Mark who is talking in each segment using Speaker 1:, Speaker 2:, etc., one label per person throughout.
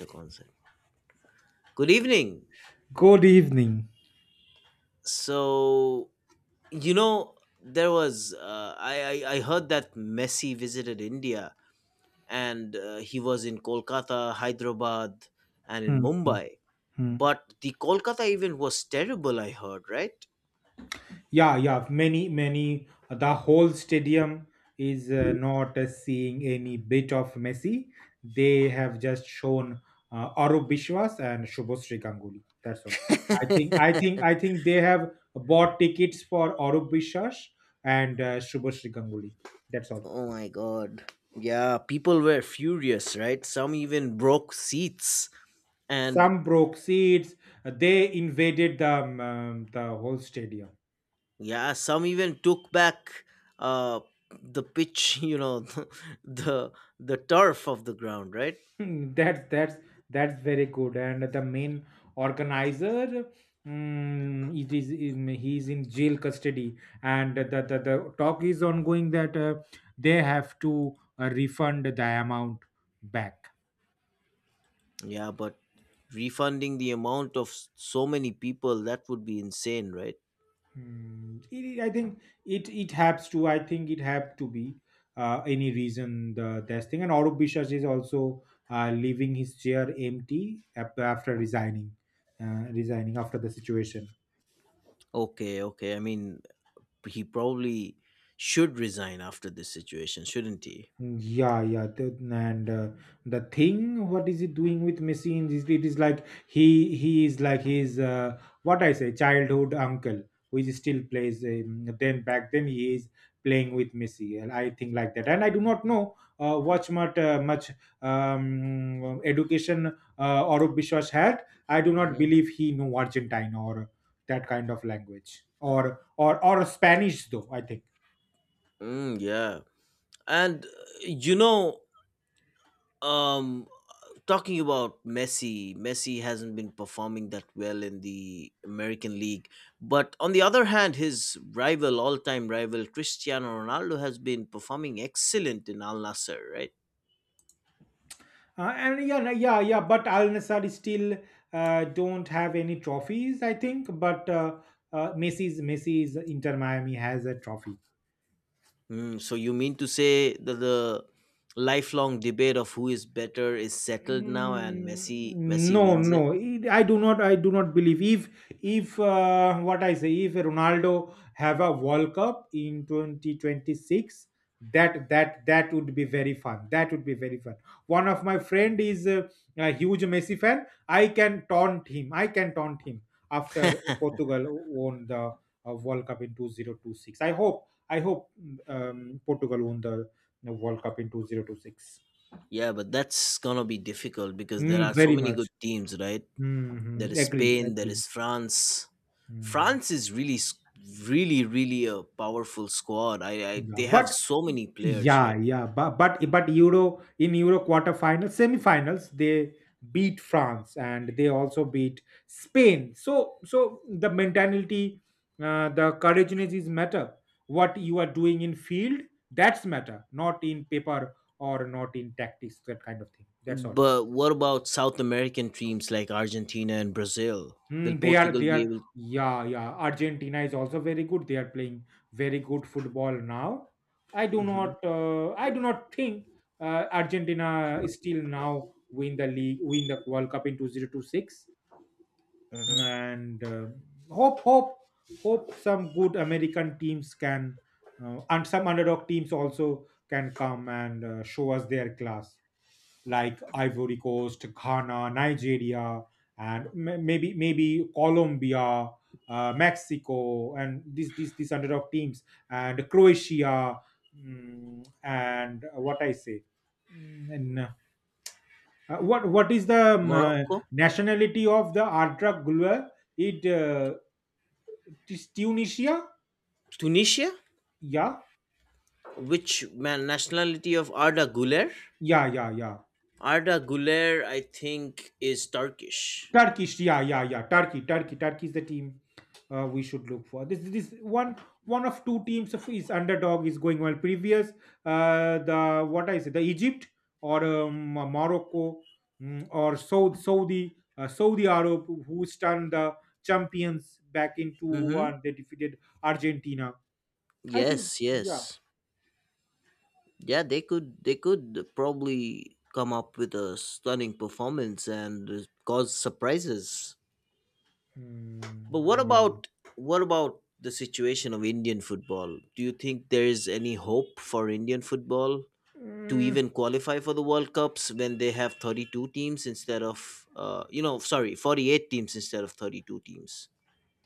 Speaker 1: The concept. Good evening.
Speaker 2: Good evening.
Speaker 1: So you know there was I heard that Messi visited India and he was in Kolkata, Hyderabad, and in
Speaker 2: Hmm, hmm,
Speaker 1: Mumbai.
Speaker 2: hmm.
Speaker 1: But the Kolkata event was terrible. I heard right.
Speaker 2: Yeah, yeah. Many, many. The whole stadium is not seeing any bit of Messi. They have just shown Arup Biswas and Shubhashree Ganguly. That's all. I think, I think, I think they have bought tickets for Arup Biswas and Shubhashree Ganguly. That's all.
Speaker 1: Oh my god. Yeah, people were furious, right? Some even broke seats. And
Speaker 2: Some broke seats. They invaded the whole stadium.
Speaker 1: yeah, some even took back uh, the pitch, you know, the the turf of the ground, right?
Speaker 2: Hmm, That's that's that's very good. And the main organizer, he's in jail custody, and the talk is ongoing that they have to refund the amount back.
Speaker 1: Yeah, but refunding the amount of so many people that would be insane, right?
Speaker 2: I think it has to. I think it have to be any reason the this thing. And Arup Bishas is also leaving his chair empty after resigning after the situation.
Speaker 1: Okay, okay. I mean, he probably should resign after this situation, shouldn't he?
Speaker 2: Yeah, yeah, th- and the thing, what is he doing with machines? Is it is like he is like his childhood uncle, who is still plays. Then back then he is playing with Messi, and I think like that. And I do not know what much education Arup Biswas had. I do not
Speaker 1: Mhm.
Speaker 2: believe he know Argentine or that kind of language or Spanish though. I think.
Speaker 1: Mm, yeah, and you know, um, talking about Messi, Messi hasn't been performing that well in the American League. But on the other hand, his rival, all time rival, Cristiano Ronaldo, has been performing excellent in Al Nasser, right?
Speaker 2: And yeah, yeah, yeah. But Al Nassr still don't have any trophies, I think. But Messi's Inter Miami has a trophy.
Speaker 1: Mm, so you mean to say that the lifelong debate of who is better is settled now and
Speaker 2: Mm,
Speaker 1: Messi
Speaker 2: No,
Speaker 1: wins it?
Speaker 2: no, I do not. I do not believe if what I say if Ronaldo have a World Cup in 2026. That would be very fun. That would be very fun. One of my friend is a huge Messi fan. I can taunt him. I can taunt him after Portugal won the World Cup in 2026. I hope. I hope Portugal won the World Cup in 2026.
Speaker 1: Yeah, but that's gonna be difficult because there
Speaker 2: Mm,
Speaker 1: are so
Speaker 2: very
Speaker 1: many
Speaker 2: much.
Speaker 1: good teams, right? There
Speaker 2: Mhm.
Speaker 1: is
Speaker 2: Agree,
Speaker 1: Spain. There
Speaker 2: agree.
Speaker 1: is France.
Speaker 2: Mm.
Speaker 1: France is really, s- Really, really a powerful squad. I,
Speaker 2: Yeah,
Speaker 1: they
Speaker 2: but
Speaker 1: have so many players,
Speaker 2: yeah,
Speaker 1: right?
Speaker 2: yeah, but Euro in Euro quarterfinals, semifinals, they beat France and they also beat Spain. So the mentality, the courageousness is matter. What you are doing in field, that's matter, not in paper or not in tactics, that kind of thing. That's all.
Speaker 1: But what about South American teams like Argentina and Brazil? Will
Speaker 2: Mm,
Speaker 1: Portugal
Speaker 2: they
Speaker 1: be
Speaker 2: are
Speaker 1: able?
Speaker 2: Yeah, yeah, Argentina is also very good. They are playing very good football now. I do
Speaker 1: Mhm.
Speaker 2: not uh, I do not think Argentina is still now win the World Cup in 2026 and hope hope hope some good American teams can and some underdog teams also can come and show us their class, like Ivory Coast, Ghana, Nigeria, and maybe Colombia, Mexico, and these hundred of teams, and Croatia, mm, and what I say, Mm, and what is the
Speaker 1: Morocco,
Speaker 2: nationality of the Artra Gulwa? It uh, it is Tunisia.
Speaker 1: Tunisia,
Speaker 2: Yeah,
Speaker 1: which man nationality of Arda Güler?
Speaker 2: yeah, yeah, yeah.
Speaker 1: Arda Güler, I think, is Turkish.
Speaker 2: Turkish, yeah, yeah, yeah. Turkey is the team we should look for. This one of two teams of is underdog is going well. Previous the what I say the Egypt or Morocco, or Saudi Arab who stunned the champions back in two
Speaker 1: Mm-hmm.
Speaker 2: one. They defeated Argentina. I think.
Speaker 1: Yes,
Speaker 2: Yeah.
Speaker 1: yes. Yeah, they could probably come up with a stunning performance and cause surprises.
Speaker 2: Mm,
Speaker 1: But what
Speaker 2: yeah.
Speaker 1: about what about the situation of Indian football? Do you think there is any hope for Indian football to
Speaker 2: Mm,
Speaker 1: even qualify for the World Cups when they have 32 teams instead of sorry, 48 teams instead of 32 teams?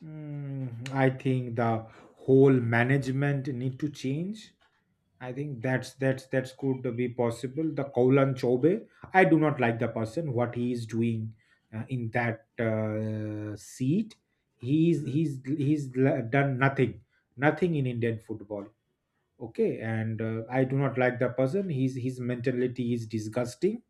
Speaker 2: I think the whole management need to change. I think that's could be possible. The Koulan Chobe, I do not like the person what he is doing in that seat. He's done nothing, nothing in Indian football. Okay, and I do not like the person. His mentality is disgusting.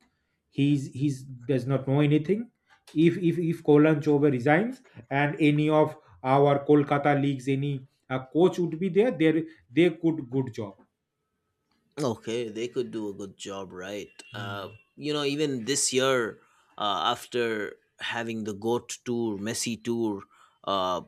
Speaker 2: He's does not know anything. If Koulan Chobe resigns and any of our Kolkata leagues, any coach would be there, they could good job.
Speaker 1: Okay, they could do a good job, right?
Speaker 2: Hmm.
Speaker 1: Even this year, after having the GOAT tour, Messi tour, uh,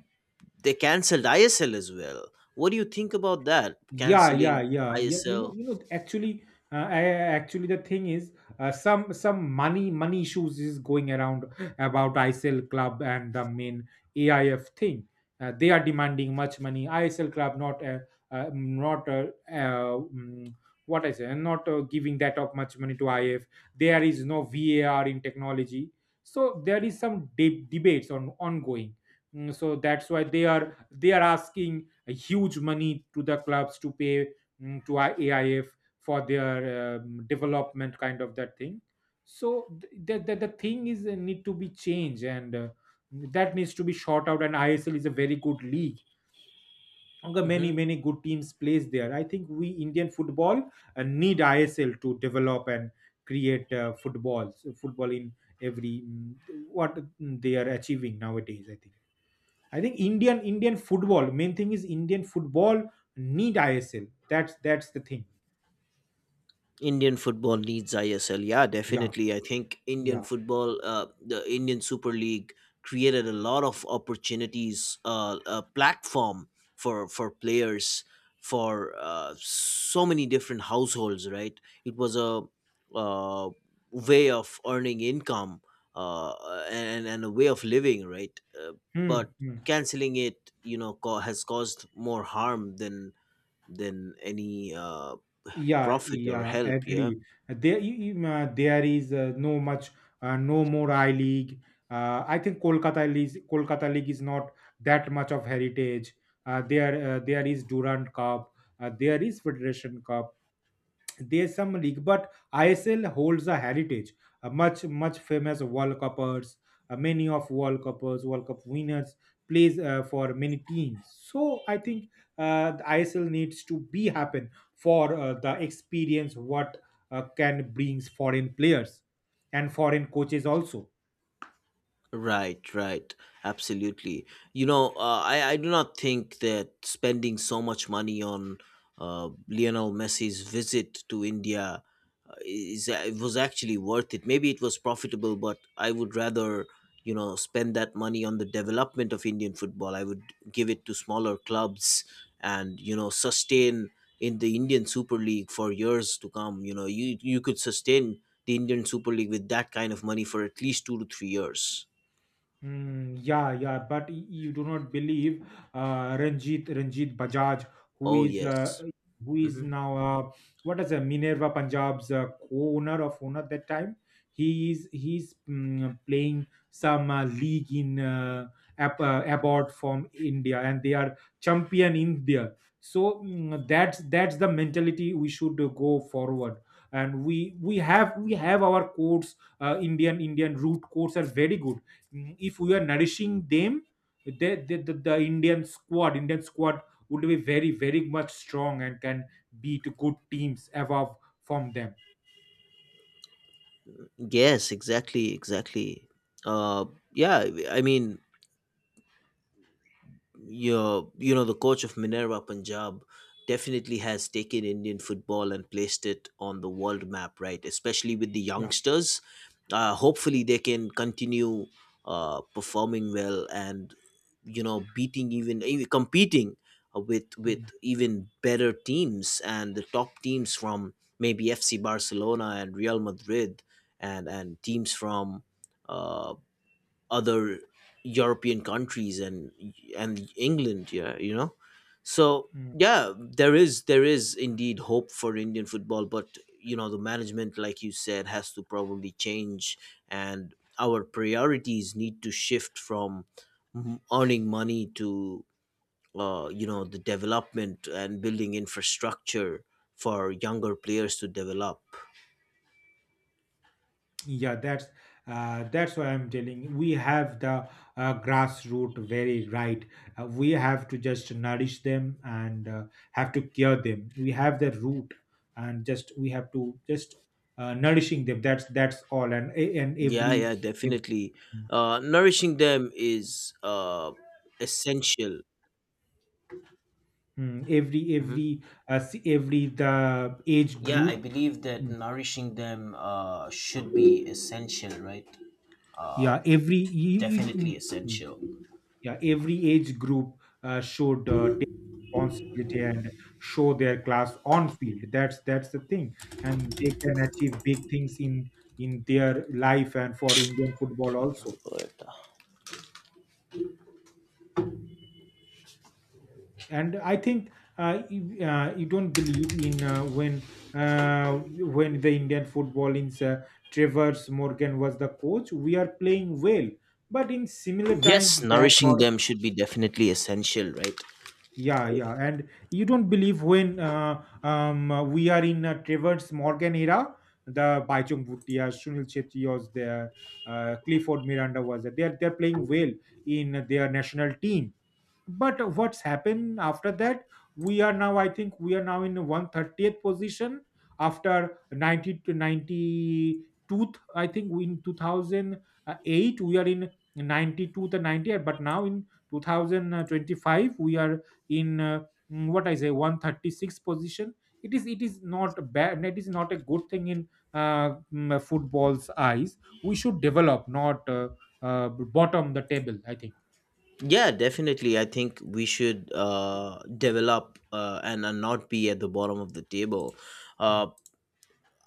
Speaker 1: they cancelled ISL as well. What do you think about that?
Speaker 2: Yeah, yeah,
Speaker 1: Canceling
Speaker 2: yeah, yeah,
Speaker 1: ISL?
Speaker 2: actually, the thing is some money issues is going around about ISL club and the main AIF thing. They are demanding much money. ISL club not mm, what I say not giving that of much money to IF. There is no VAR in technology, so there is some debates on ongoing. So that's why they are asking a huge money to the clubs to pay, to our AIF for their development, kind of that thing. So the thing is need to be changed, and that needs to be shot out. And ISL is a very good league. Okay. Many good teams plays there. I think we Indian football need ISL to develop and create football in every they are achieving nowadays. I think. I think Indian football main thing is Indian football need ISL. That's the thing.
Speaker 1: Indian football needs ISL. Yeah,
Speaker 2: Yeah,
Speaker 1: definitely. I think Indian
Speaker 2: yeah.
Speaker 1: football, the Indian Super League, created a lot of opportunities, a platform for players, for so many different households. Right, it was a uh, way of earning income uh, and a way of living. Right,
Speaker 2: Hmm,
Speaker 1: but
Speaker 2: hmm.
Speaker 1: canceling it, you know, has caused more harm than any
Speaker 2: Yeah,
Speaker 1: profit or
Speaker 2: yeah,
Speaker 1: help. Yeah.
Speaker 2: agree. There is no much, no more I League. I think Kolkata League, is not that much of heritage. There is Durand Cup. There is Federation Cup. There's some league, but ISL holds a heritage. Much famous World Cuppers, many of World Cuppers, World Cup winners plays for many teams. So I think the ISL needs to be happen for the experience what can brings foreign players and foreign coaches also.
Speaker 1: Right, right. Absolutely. You know, I do not think that spending so much money on Lionel Messi's visit to India is it was actually worth it. Maybe it was profitable, but I would rather, you know, spend that money on the development of Indian football. I would give it to smaller clubs and, you know, sustain in the Indian Super League for years to come. You know, you could sustain the Indian Super League with that kind of money for at least 2 to 3 years.
Speaker 2: Yeah, yeah, but you do not believe Ranjit Bajaj, who
Speaker 1: Oh
Speaker 2: is uh,
Speaker 1: yes.
Speaker 2: who is
Speaker 1: Hmm.
Speaker 2: now what is a Minerva Punjab's co-owner of owner at that time. He's playing some league in abroad from India, and they are champion India. So that's the mentality we should go forward, and we have our courts. Indian root courts are very good, if we are nourishing them. The, the, the, the Indian squad would be very very much strong and can beat good teams above from them.
Speaker 1: Yes, exactly, exactly. Uh, yeah, I mean, you know the coach of Minerva Punjab definitely has taken Indian football and placed it on the world map, right? Especially with the
Speaker 2: Yeah.
Speaker 1: youngsters. Hopefully, they can continue performing well and you know beating even competing with
Speaker 2: Mm,
Speaker 1: even better teams and the top teams from maybe FC Barcelona and Real Madrid and teams from. Uh, Other European countries and England. Yeah, you know. So
Speaker 2: mm.
Speaker 1: yeah, there is indeed hope for Indian football, but you know the management, like you said, has to probably change, and our priorities need to shift from earning money to you know the development and building infrastructure for younger players to develop.
Speaker 2: Yeah, that's why I'm telling you, we have the grassroots, very right. We have to just nourish them, and have to cure them. We have the root, and just we have to just nourishing them. That's all, and
Speaker 1: Yeah,
Speaker 2: every
Speaker 1: yeah, definitely. Nourishing them is essential.
Speaker 2: Mm, every
Speaker 1: Mhm.
Speaker 2: every every the age
Speaker 1: Yeah, I
Speaker 2: group
Speaker 1: believe that
Speaker 2: Mm,
Speaker 1: nourishing them should be essential, right?
Speaker 2: yeah every e- e- mm,
Speaker 1: Definitely
Speaker 2: mm,
Speaker 1: essential.
Speaker 2: yeah every age group should take responsibility and show their class on field. That's the thing, and they can achieve big things in their life, and for Indian football also. And I think you don't believe in when the Indian football in Travers Morgan was the coach. We are playing well, but in similar
Speaker 1: Yes,
Speaker 2: times back,
Speaker 1: nourishing
Speaker 2: or
Speaker 1: them should be definitely essential, right?
Speaker 2: yeah yeah, and you don't believe when we are in Travers Morgan era. The Baichung Bhutia, Sunil Chetty was there, Clifford Miranda was there. They are playing well in their national team, but what's happened after that? We are now i think we are now in 130th position, after 90 to 92. I think in 2008 we are in 92 to 90, but now in 2025 we are in mm, what I say 136 position. It is not bad. It is not a good thing in football's eyes. We should develop, not bottom the table, I think.
Speaker 1: Yeah, definitely. I think we should develop and not be at the bottom of the table.
Speaker 2: Hmm.
Speaker 1: Uh,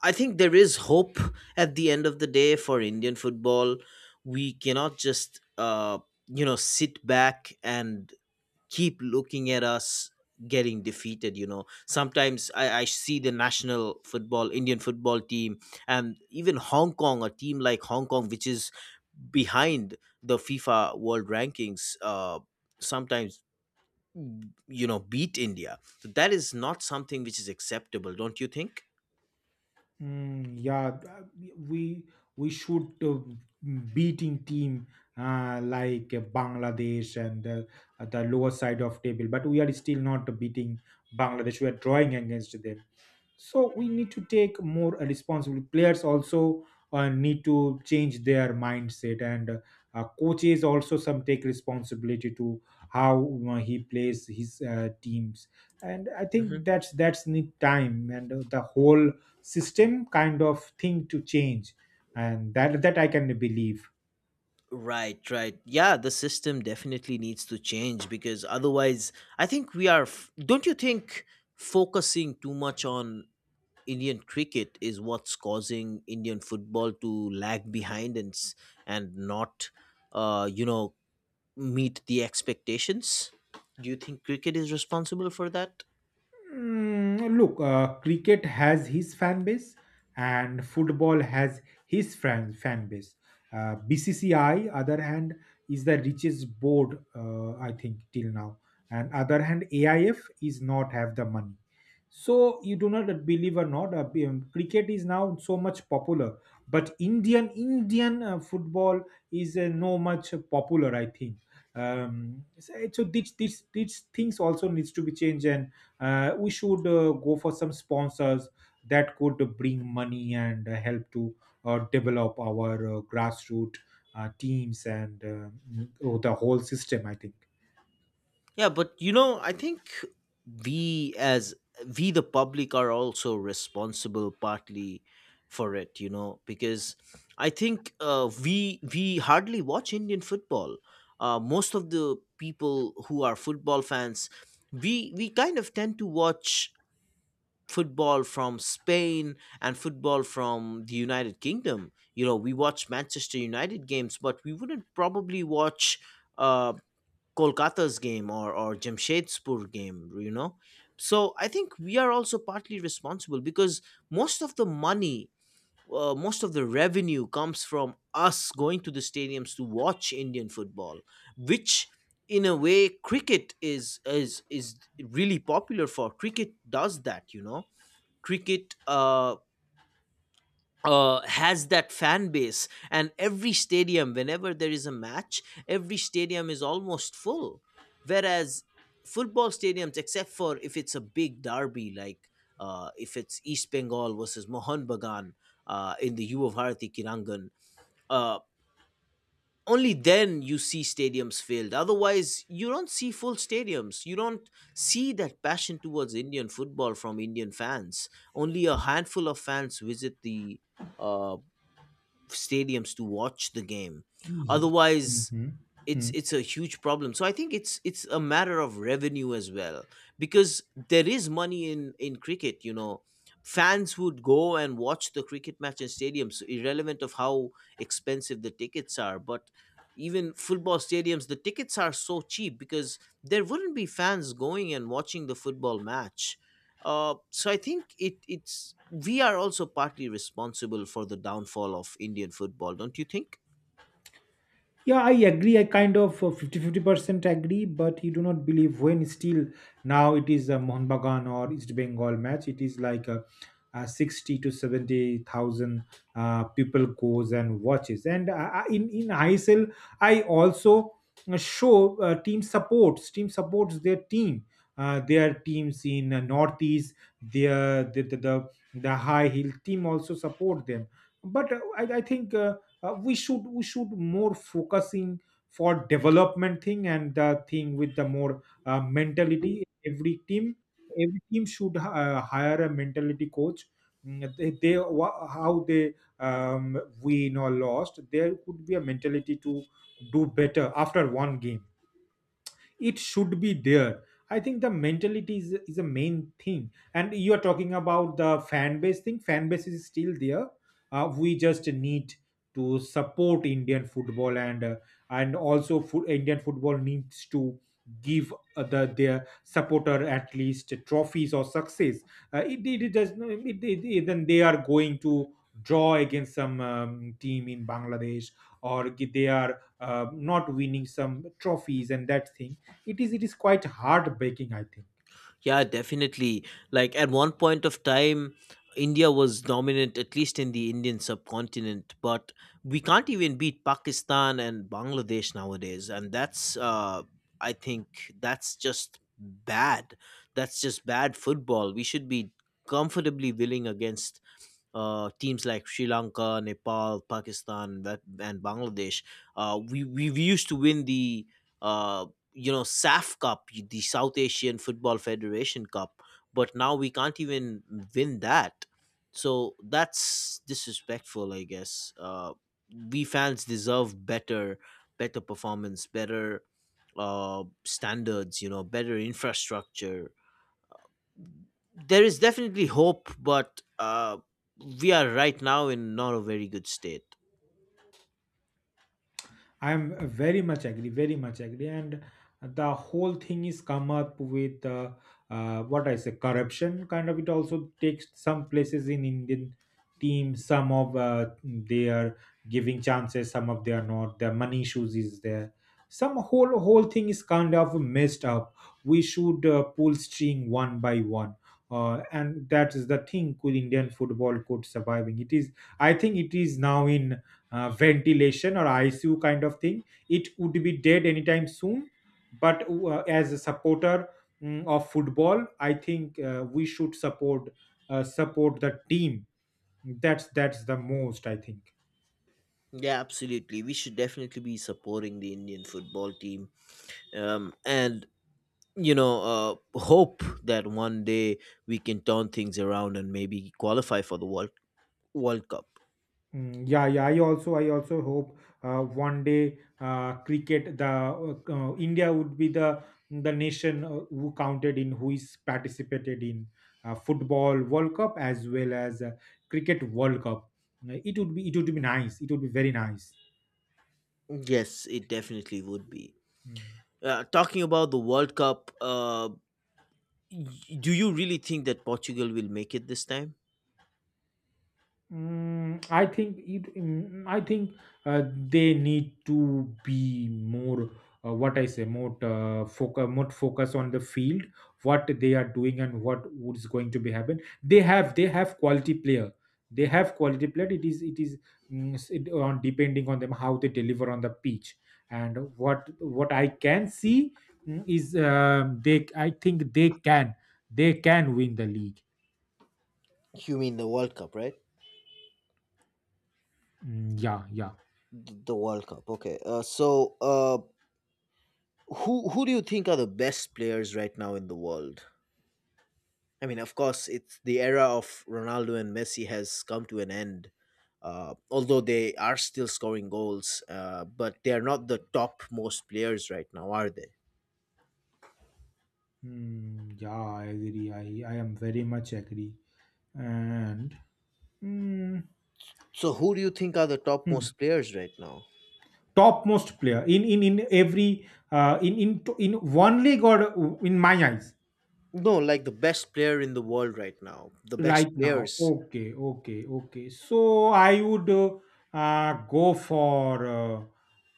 Speaker 1: I think there is hope at the end of the day for Indian football. We cannot just, you know, sit back and keep looking at us getting defeated. You know, sometimes I see the national football, Indian football team, and even Hong Kong, a team like Hong Kong, which is behind the FIFA world rankings, sometimes, you know, beat India. So that is not something which is acceptable, don't you think?
Speaker 2: Yeah, we we should beating team like Bangladesh and the lower side of table, but we are still not beating Bangladesh. We are drawing against them, so we need to take more responsibility. Players also need to change their mindset, and coaches also some take responsibility to how he plays his teams. And I think that's need time, and the whole system kind of thing to change, and that I can believe.
Speaker 1: Right, right. Yeah, the system definitely needs to change because otherwise, I think we are. Don't you think focusing too much on Indian cricket is what's causing Indian football to lag behind and not, you know, meet the expectations? Do you think cricket is responsible for that?
Speaker 2: Look, cricket has his fan base and football has his fan base. BCCI, other hand, is the richest board, I think, till now. And other hand, AIF is not have the money. So you do not believe or not, cricket is now so much popular, but Indian football is no much popular, I think. So these things also needs to be changed, and we should go for some sponsors that could bring money and help to develop our grassroots teams and the whole system, I think.
Speaker 1: Yeah, but you know, I think we as we the public are also responsible partly for it, you know, because I think we hardly watch Indian football. Most of the people who are football fans, we kind of tend to watch football from Spain and football from the United Kingdom. You know, we watch Manchester United games, but we wouldn't probably watch. Uh, Kolkata's game or Jamshedpur game, you know. So I think we are also partly responsible because most of the money, most of the revenue comes from us going to the stadiums to watch Indian football, which in a way cricket is is really popular for. Cricket does that, you know. Cricket has that fan base and every stadium whenever there is a match every stadium is almost full, whereas football stadiums, except for if it's a big derby like if it's East Bengal versus Mohan Bagan in the Yuva Bharati Kirangan, uh, only then you see stadiums filled, otherwise you don't see full stadiums, you don't see that passion towards Indian football from Indian fans. Only a handful of fans visit the uh, stadiums to watch the game.
Speaker 2: Ye-
Speaker 1: Otherwise,
Speaker 2: Mhm.
Speaker 1: it's a huge problem, so I think it's a matter of revenue as well because there is money in cricket, you know, fans would go and watch the cricket match in stadiums irrelevant of how expensive the tickets are, but even football stadiums the tickets are so cheap because there wouldn't be fans going and watching the football match. So I think it's we are also partly responsible for the downfall of Indian football, don't you think?
Speaker 2: Yeah, I agree. I kind of 50-50% agree, but you do not believe when still now it is a Mohun Bagan or East Bengal match. It is like a 60 to 70,000 people goes and watches. And in ISL, I also show team supports. Team supports their team. Their teams in Northeast, their, the high hill team also support them. But I think. We should more focusing for development thing, and the thing with the more mentality. Every team should hire a mentality coach. How they win or lost, there could be a mentality to do better after one game. It should be there. I think the mentality is a main thing, and you are talking about the fan base thing. Fan base is still there. We just need to support Indian football, and Indian football needs to give their supporter at least trophies or success. It, it, it does it, it, it- then they are going to draw against some team in Bangladesh, or they are not winning some trophies and that thing. It is quite heartbreaking, I think.
Speaker 1: Yeah, definitely. Like at one point of time, India was dominant, at least in the Indian subcontinent, but we can't even beat Pakistan and Bangladesh nowadays. And that's, I think, that's just bad. That's just bad football. We should be comfortably willing against teams like Sri Lanka, Nepal, Pakistan, that, and Bangladesh. We used to win the uh, you know SAF Cup, the South Asian Football Federation Cup, but now we can't even win that. So that's disrespectful, I guess. We fans deserve better, better performance, better standards, you know, better infrastructure. There is definitely hope, but we are right now in not a very good state.
Speaker 2: I'm very much agree, and the whole thing is come up with what I say corruption kind of. It also takes some places in Indian team. Some of they are giving chances, some of they are not. The money issues is there. Some whole thing is kind of messed up. We should pull string one by one. And that is the thing could Indian football could surviving. It is, I think, it is now in ventilation or ICU kind of thing. It would be dead anytime soon. But as a supporter of football, I think we should support the team. That's the most, I think.
Speaker 1: Yeah, absolutely. We should definitely be supporting the Indian football team, and you know, hope that one day we can turn things around and maybe qualify for the World Cup.
Speaker 2: Mm, yeah, yeah. I also hope one day cricket, the India would be the nation who counted in, who is participated in football World Cup as well as cricket World Cup. It would be nice. It would be very nice.
Speaker 1: Yes, it definitely would be.
Speaker 2: Mm.
Speaker 1: Talking about the World Cup, y- do you really think that Portugal will make it this time?
Speaker 2: I think it. I think they need to be more. What I say, more focus, more focus on the field, what they are doing, and what is going to be happen. They have quality player. They have quality player. It is it, on depending on them how they deliver on the pitch. And what I can see is they. I think they can win the league.
Speaker 1: You mean the World Cup, right?
Speaker 2: Mm, yeah, yeah.
Speaker 1: The World Cup. Okay. So who do you think are the best players right now in the world? I mean, of course, it's the era of Ronaldo and Messi has come to an end. Although they are still scoring goals, but they are not the top most players right now, are they?
Speaker 2: Hmm, yeah, I agree. I am very much agree. And hmm,
Speaker 1: So, who do you think are the top
Speaker 2: hmm,
Speaker 1: most players right now?
Speaker 2: topmost player in every in one league or in my eyes.
Speaker 1: No, like the best player in the world right now, the best
Speaker 2: Right now.
Speaker 1: players.
Speaker 2: Okay, okay, okay. So I would go for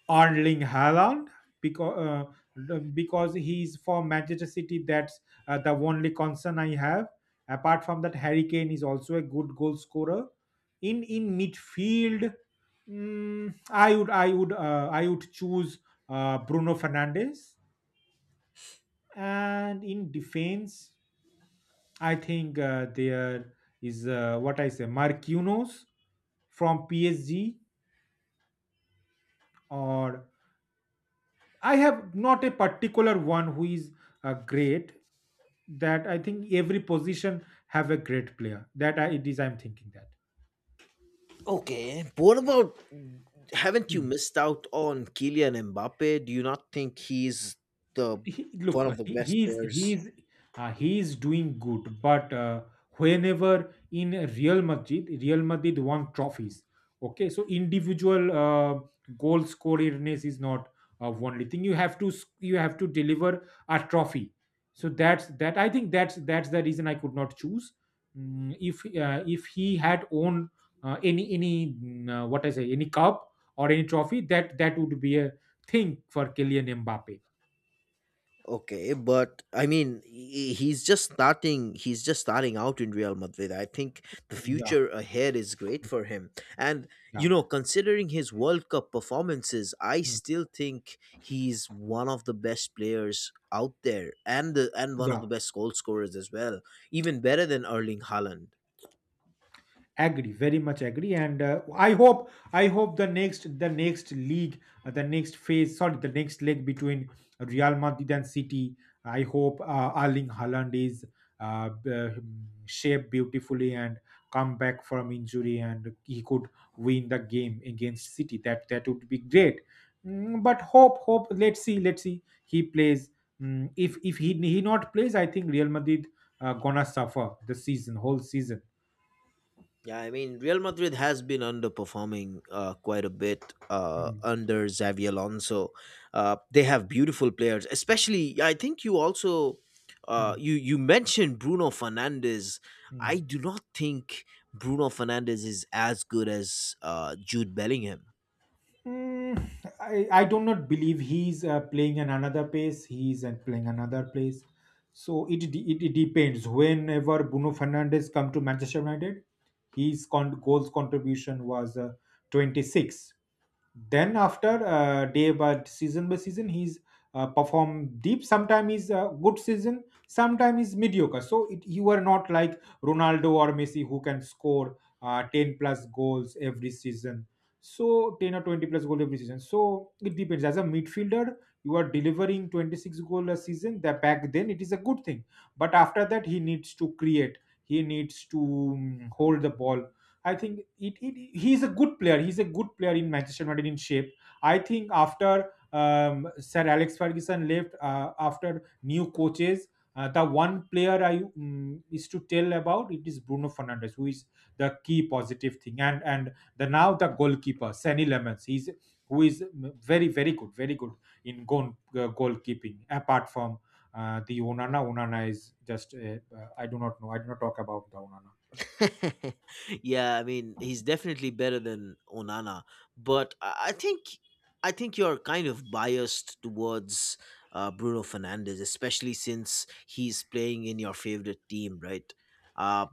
Speaker 2: Erling Haaland because uh, because he's for Manchester City. That's the only concern I have. Apart from that, Harry Kane is also a good goal scorer. In midfield, I would choose Bruno Fernandes, and in defense, I think there is what I say, Marquinhos from PSG. Or I have not a particular one who is great. That I think every position have a great player. That I, it is I'm thinking that.
Speaker 1: Okay, but what about? Haven't you
Speaker 2: Hmm.
Speaker 1: missed out on Kylian Mbappe? Do you not think he's the
Speaker 2: he,
Speaker 1: one
Speaker 2: look,
Speaker 1: of the
Speaker 2: he,
Speaker 1: best players?
Speaker 2: he's doing good, but whenever in Real Madrid, Real Madrid won trophies. Okay, so individual goal scorerness is not only thing. You have to deliver a trophy. So that's that. I think that's the reason I could not choose. If he had owned any what I say any cup or any trophy, that would be a thing for Kylian Mbappe.
Speaker 1: Okay, but I mean, he's just starting. He's just starting out in Real Madrid. I think the
Speaker 2: Yeah,
Speaker 1: future ahead is great for him. And
Speaker 2: yeah.
Speaker 1: you know, considering his World Cup performances, I still think he's one of the best players out there, and one of
Speaker 2: Yeah,
Speaker 1: the best goal scorers as well. Even better than Erling Haaland.
Speaker 2: agree, very much agree, and I hope the next league, the next phase, sorry, the next leg between Real Madrid and City. I hope Erling Haaland is uh, b- uh, shaped beautifully and come back from injury, and he could win the game against City. That would be great. But hope, hope. Let's see, let's see. He plays. If he not plays, I think Real Madrid gonna suffer the season, whole season.
Speaker 1: Yeah, I mean, Real Madrid has been underperforming quite a bit
Speaker 2: Hmm.
Speaker 1: under Xavi Alonso. They have beautiful players, especially. Yeah, I think you also
Speaker 2: Hmm.
Speaker 1: you mentioned Bruno Fernandes.
Speaker 2: Hmm.
Speaker 1: I do not think Bruno Fernandes is as good as Jude Bellingham.
Speaker 2: Mm, I do not believe he's playing in another place. He's playing another place. So it, de- it depends. Whenever Bruno Fernandes come to Manchester United, his goals contribution was 26. Then after day by season by season, he's perform deep. Sometime is a good season, sometime is mediocre. So you are not like Ronaldo or Messi who can score 10 plus goals every season. So 10 or 20 plus goal every season. So it depends. As a midfielder, you are delivering 26 goal a season. That back then, it is a good thing. But after that, he needs to create. He needs to hold the ball. I think it, it he's a good player. He's a good player in Manchester United in shape. I think after Sir Alex Ferguson left, after new coaches, the one player I is to tell about it is Bruno Fernandes, who is the key positive thing. And and the now the goalkeeper, Sani Lemons, he's who is very very good, very good in goal goalkeeping. Apart from Onana is just I do not know. I do not talk about the Onana.
Speaker 1: Yeah, I mean, he's definitely better than Onana, but I think you're kind of biased towards Bruno Fernandes, especially since he's playing in your favorite team, right? Uh,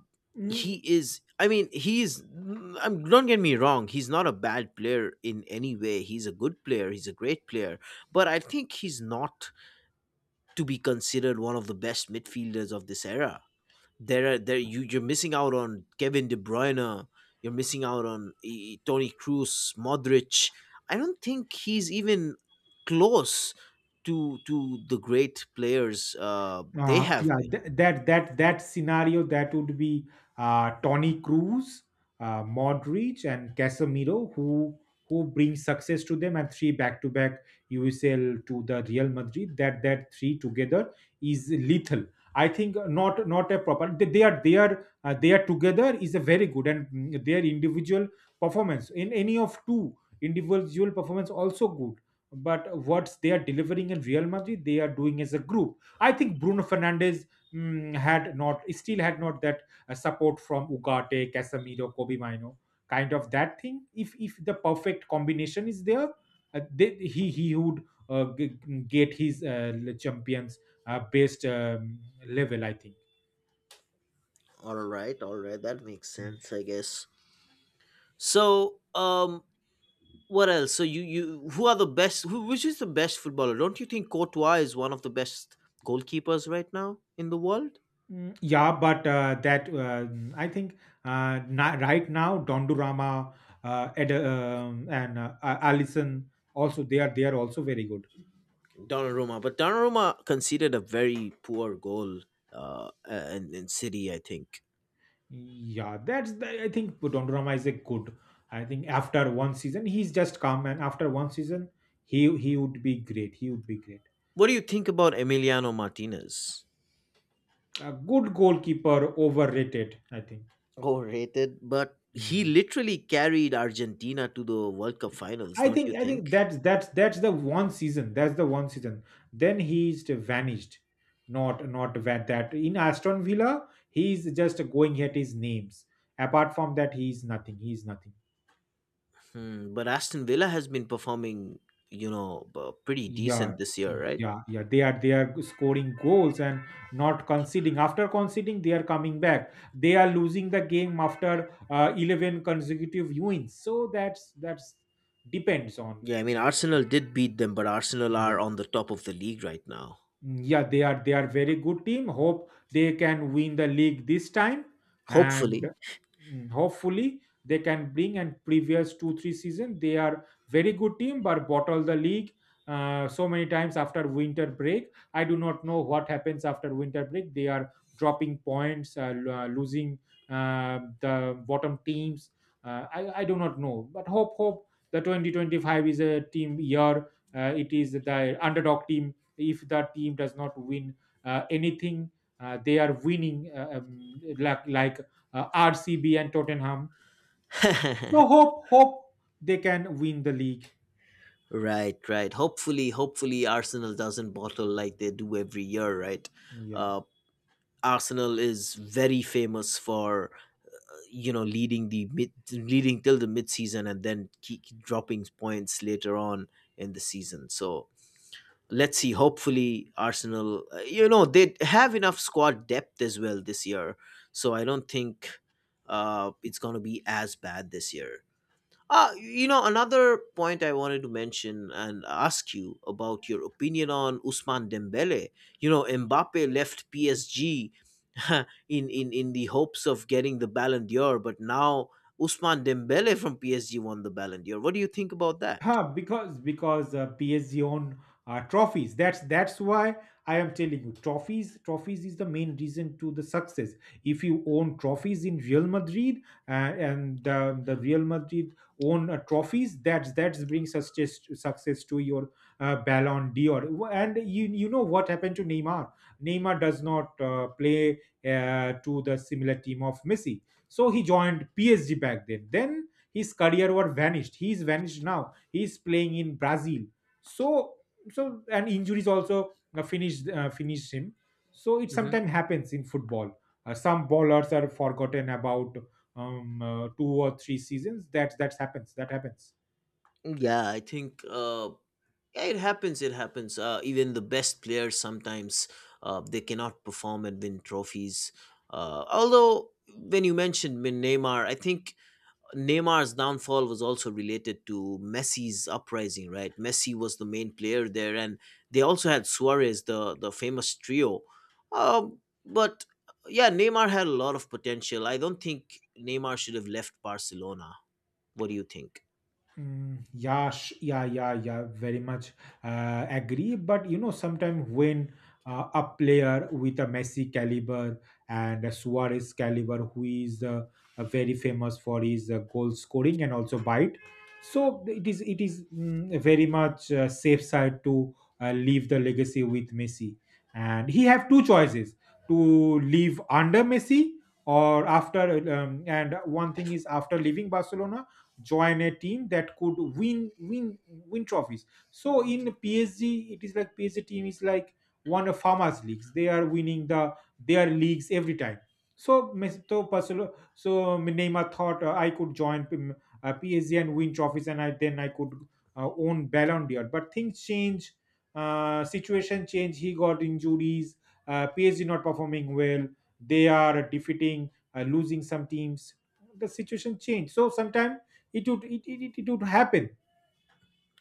Speaker 1: he is. I mean, I'm, don't get me wrong. He's not a bad player in any way. He's a good player. He's a great player. But I think he's not to be considered one of the best midfielders of this era. There are there You you're missing out on Kevin De Bruyne. You're missing out on Tony Cruz, Modric. I don't think he's even close to the great players they have
Speaker 2: Yeah,
Speaker 1: been.
Speaker 2: that scenario that would be Tony Cruz, Modric, and Casemiro, who bring success to them, and three back to back USL to the Real Madrid. That three together is lethal. I think not a proper. They are together is a very good, and their individual performance in any of two individual performance also good. But what they are delivering in Real Madrid, they are doing as a group. I think Bruno Fernandez had not, still had not that support from Ugarte, Casemiro, Kobe Mino, kind of that thing. If the perfect combination is there, they, he would uh, g- get his champions best level, I think.
Speaker 1: All right, that makes
Speaker 2: Mm.
Speaker 1: sense, I guess. So, what else? So you Who are the best? Who Which is the best footballer? Don't you think Courtois is one of the best goalkeepers right now in the world?
Speaker 2: Mm, yeah, but that I think right now Dondurama, Ed, and Allison also. They are also very good.
Speaker 1: Donnarumma, but Donnarumma conceded a very poor goal in City, I think.
Speaker 2: Yeah, I think Donnarumma is a good. I think after one season he's just come, and after one season he would be great. He would be great.
Speaker 1: What do you think about Emiliano Martinez?
Speaker 2: A good goalkeeper, overrated, I think.
Speaker 1: Overrated, but he
Speaker 2: Mm,
Speaker 1: literally carried Argentina to the World Cup
Speaker 2: yeah.
Speaker 1: finals,
Speaker 2: I
Speaker 1: don't you
Speaker 2: think I
Speaker 1: think?
Speaker 2: think that's the one season. That's the one season. Then he's vanished. Not that in Aston Villa he's just going at his names. Apart from that, he's nothing. He's nothing.
Speaker 1: Hmm, but Aston Villa has been performing, you know, pretty
Speaker 2: Yeah,
Speaker 1: decent this year, right?
Speaker 2: yeah, yeah. They are scoring goals and not conceding. After conceding, they are coming back. They are losing the game after 11 consecutive wins. So that's depends on.
Speaker 1: Yeah, I mean, Arsenal did beat them, but Arsenal are
Speaker 2: what-
Speaker 1: on the top of the league right now.
Speaker 2: Mm, yeah, they are very good team. Hope they can win the league this time,
Speaker 1: Hopefully.
Speaker 2: and hopefully they can bring. And previous two three season, they are very good team, but bottle the league so many times after winter break. I do not know what happens after winter break. They are dropping points, losing the bottom teams. I do not know, but hope the 2025 is a team year. It is the underdog team. If the team does not win anything, they are winning like RCB and Tottenham. So hope they can win the league.
Speaker 1: Right, right. Hopefully, hopefully Arsenal doesn't bottle like they do every year, right?
Speaker 2: Yeah.
Speaker 1: Uh, Arsenal is very famous for you know leading till the mid-season and then keep dropping points later on in the season. So let's see. Hopefully, Arsenal, you know, they have enough squad depth as well this year. So I don't think it's going to be as bad this year. You know, another point I wanted to mention and ask you about your opinion on Usman Dembele. You know, Mbappe left PSG in, in the hopes of getting the Ballon d'Or, but now Usman Dembele from PSG won the Ballon d'Or. What do you think about that?
Speaker 2: Because PSG own trophies. That's why I am telling you trophies. Trophies is the main reason to the success. If you own trophies in Real Madrid uh, and the Real Madrid own trophies, that's bring success to your Ballon d'Or. And you know what happened to Neymar. Neymar does not play to the similar team of Messi, so he joined PSG back then. Then his career was vanished. He is vanished now. He's playing in Brazil. So so and injuries also finished finished him. So it
Speaker 1: Hmm.
Speaker 2: sometimes happens in football. Some ballers are forgotten about 2 or 3 seasons. That's happens. That happens.
Speaker 1: Yeah, I think yeah, it happens. It happens. Even the best players sometimes they cannot perform and win trophies. Although when you mentioned Neymar, I think Neymar's downfall was also related to Messi's uprising, right? Messi was the main player there, and they also had Suarez, the famous trio. Um, but yeah, Neymar had a lot of potential. I don't think Neymar should have left Barcelona. What do you think?
Speaker 2: Mm, yeah, yeah, yeah, yeah, very much agree. But you know, sometimes when a player with a Messi caliber and a Suarez caliber, who is very famous for his goal scoring and also bite, so it is very much safe side to leave the legacy with Messi, and he have two choices to leave under Messi or after. And one thing is after leaving Barcelona, join a team that could win trophies. So in PSG, it is like PSG team is like one of farmers leagues. They are winning their leagues every time. So Neymar thought I could join PSG and win trophies, and I then I could own Ballon d'Or. But things change. Situation change. He got injuries. PSG not performing well. They are defeating losing some teams. The situation changed. So sometimes it would it, it, it, it would happen.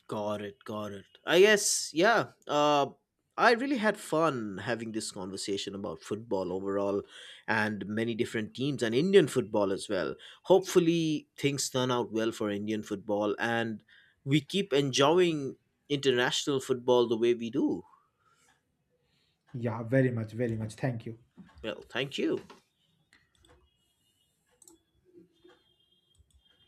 Speaker 1: Got it, got it. I guess, yeah. I really had fun having this conversation about football overall and many different teams and Indian football as well. Hopefully, things turn out well for Indian football and we keep enjoying international football the way we do.
Speaker 2: Yeah, very much, very much, thank you.
Speaker 1: Well, thank you.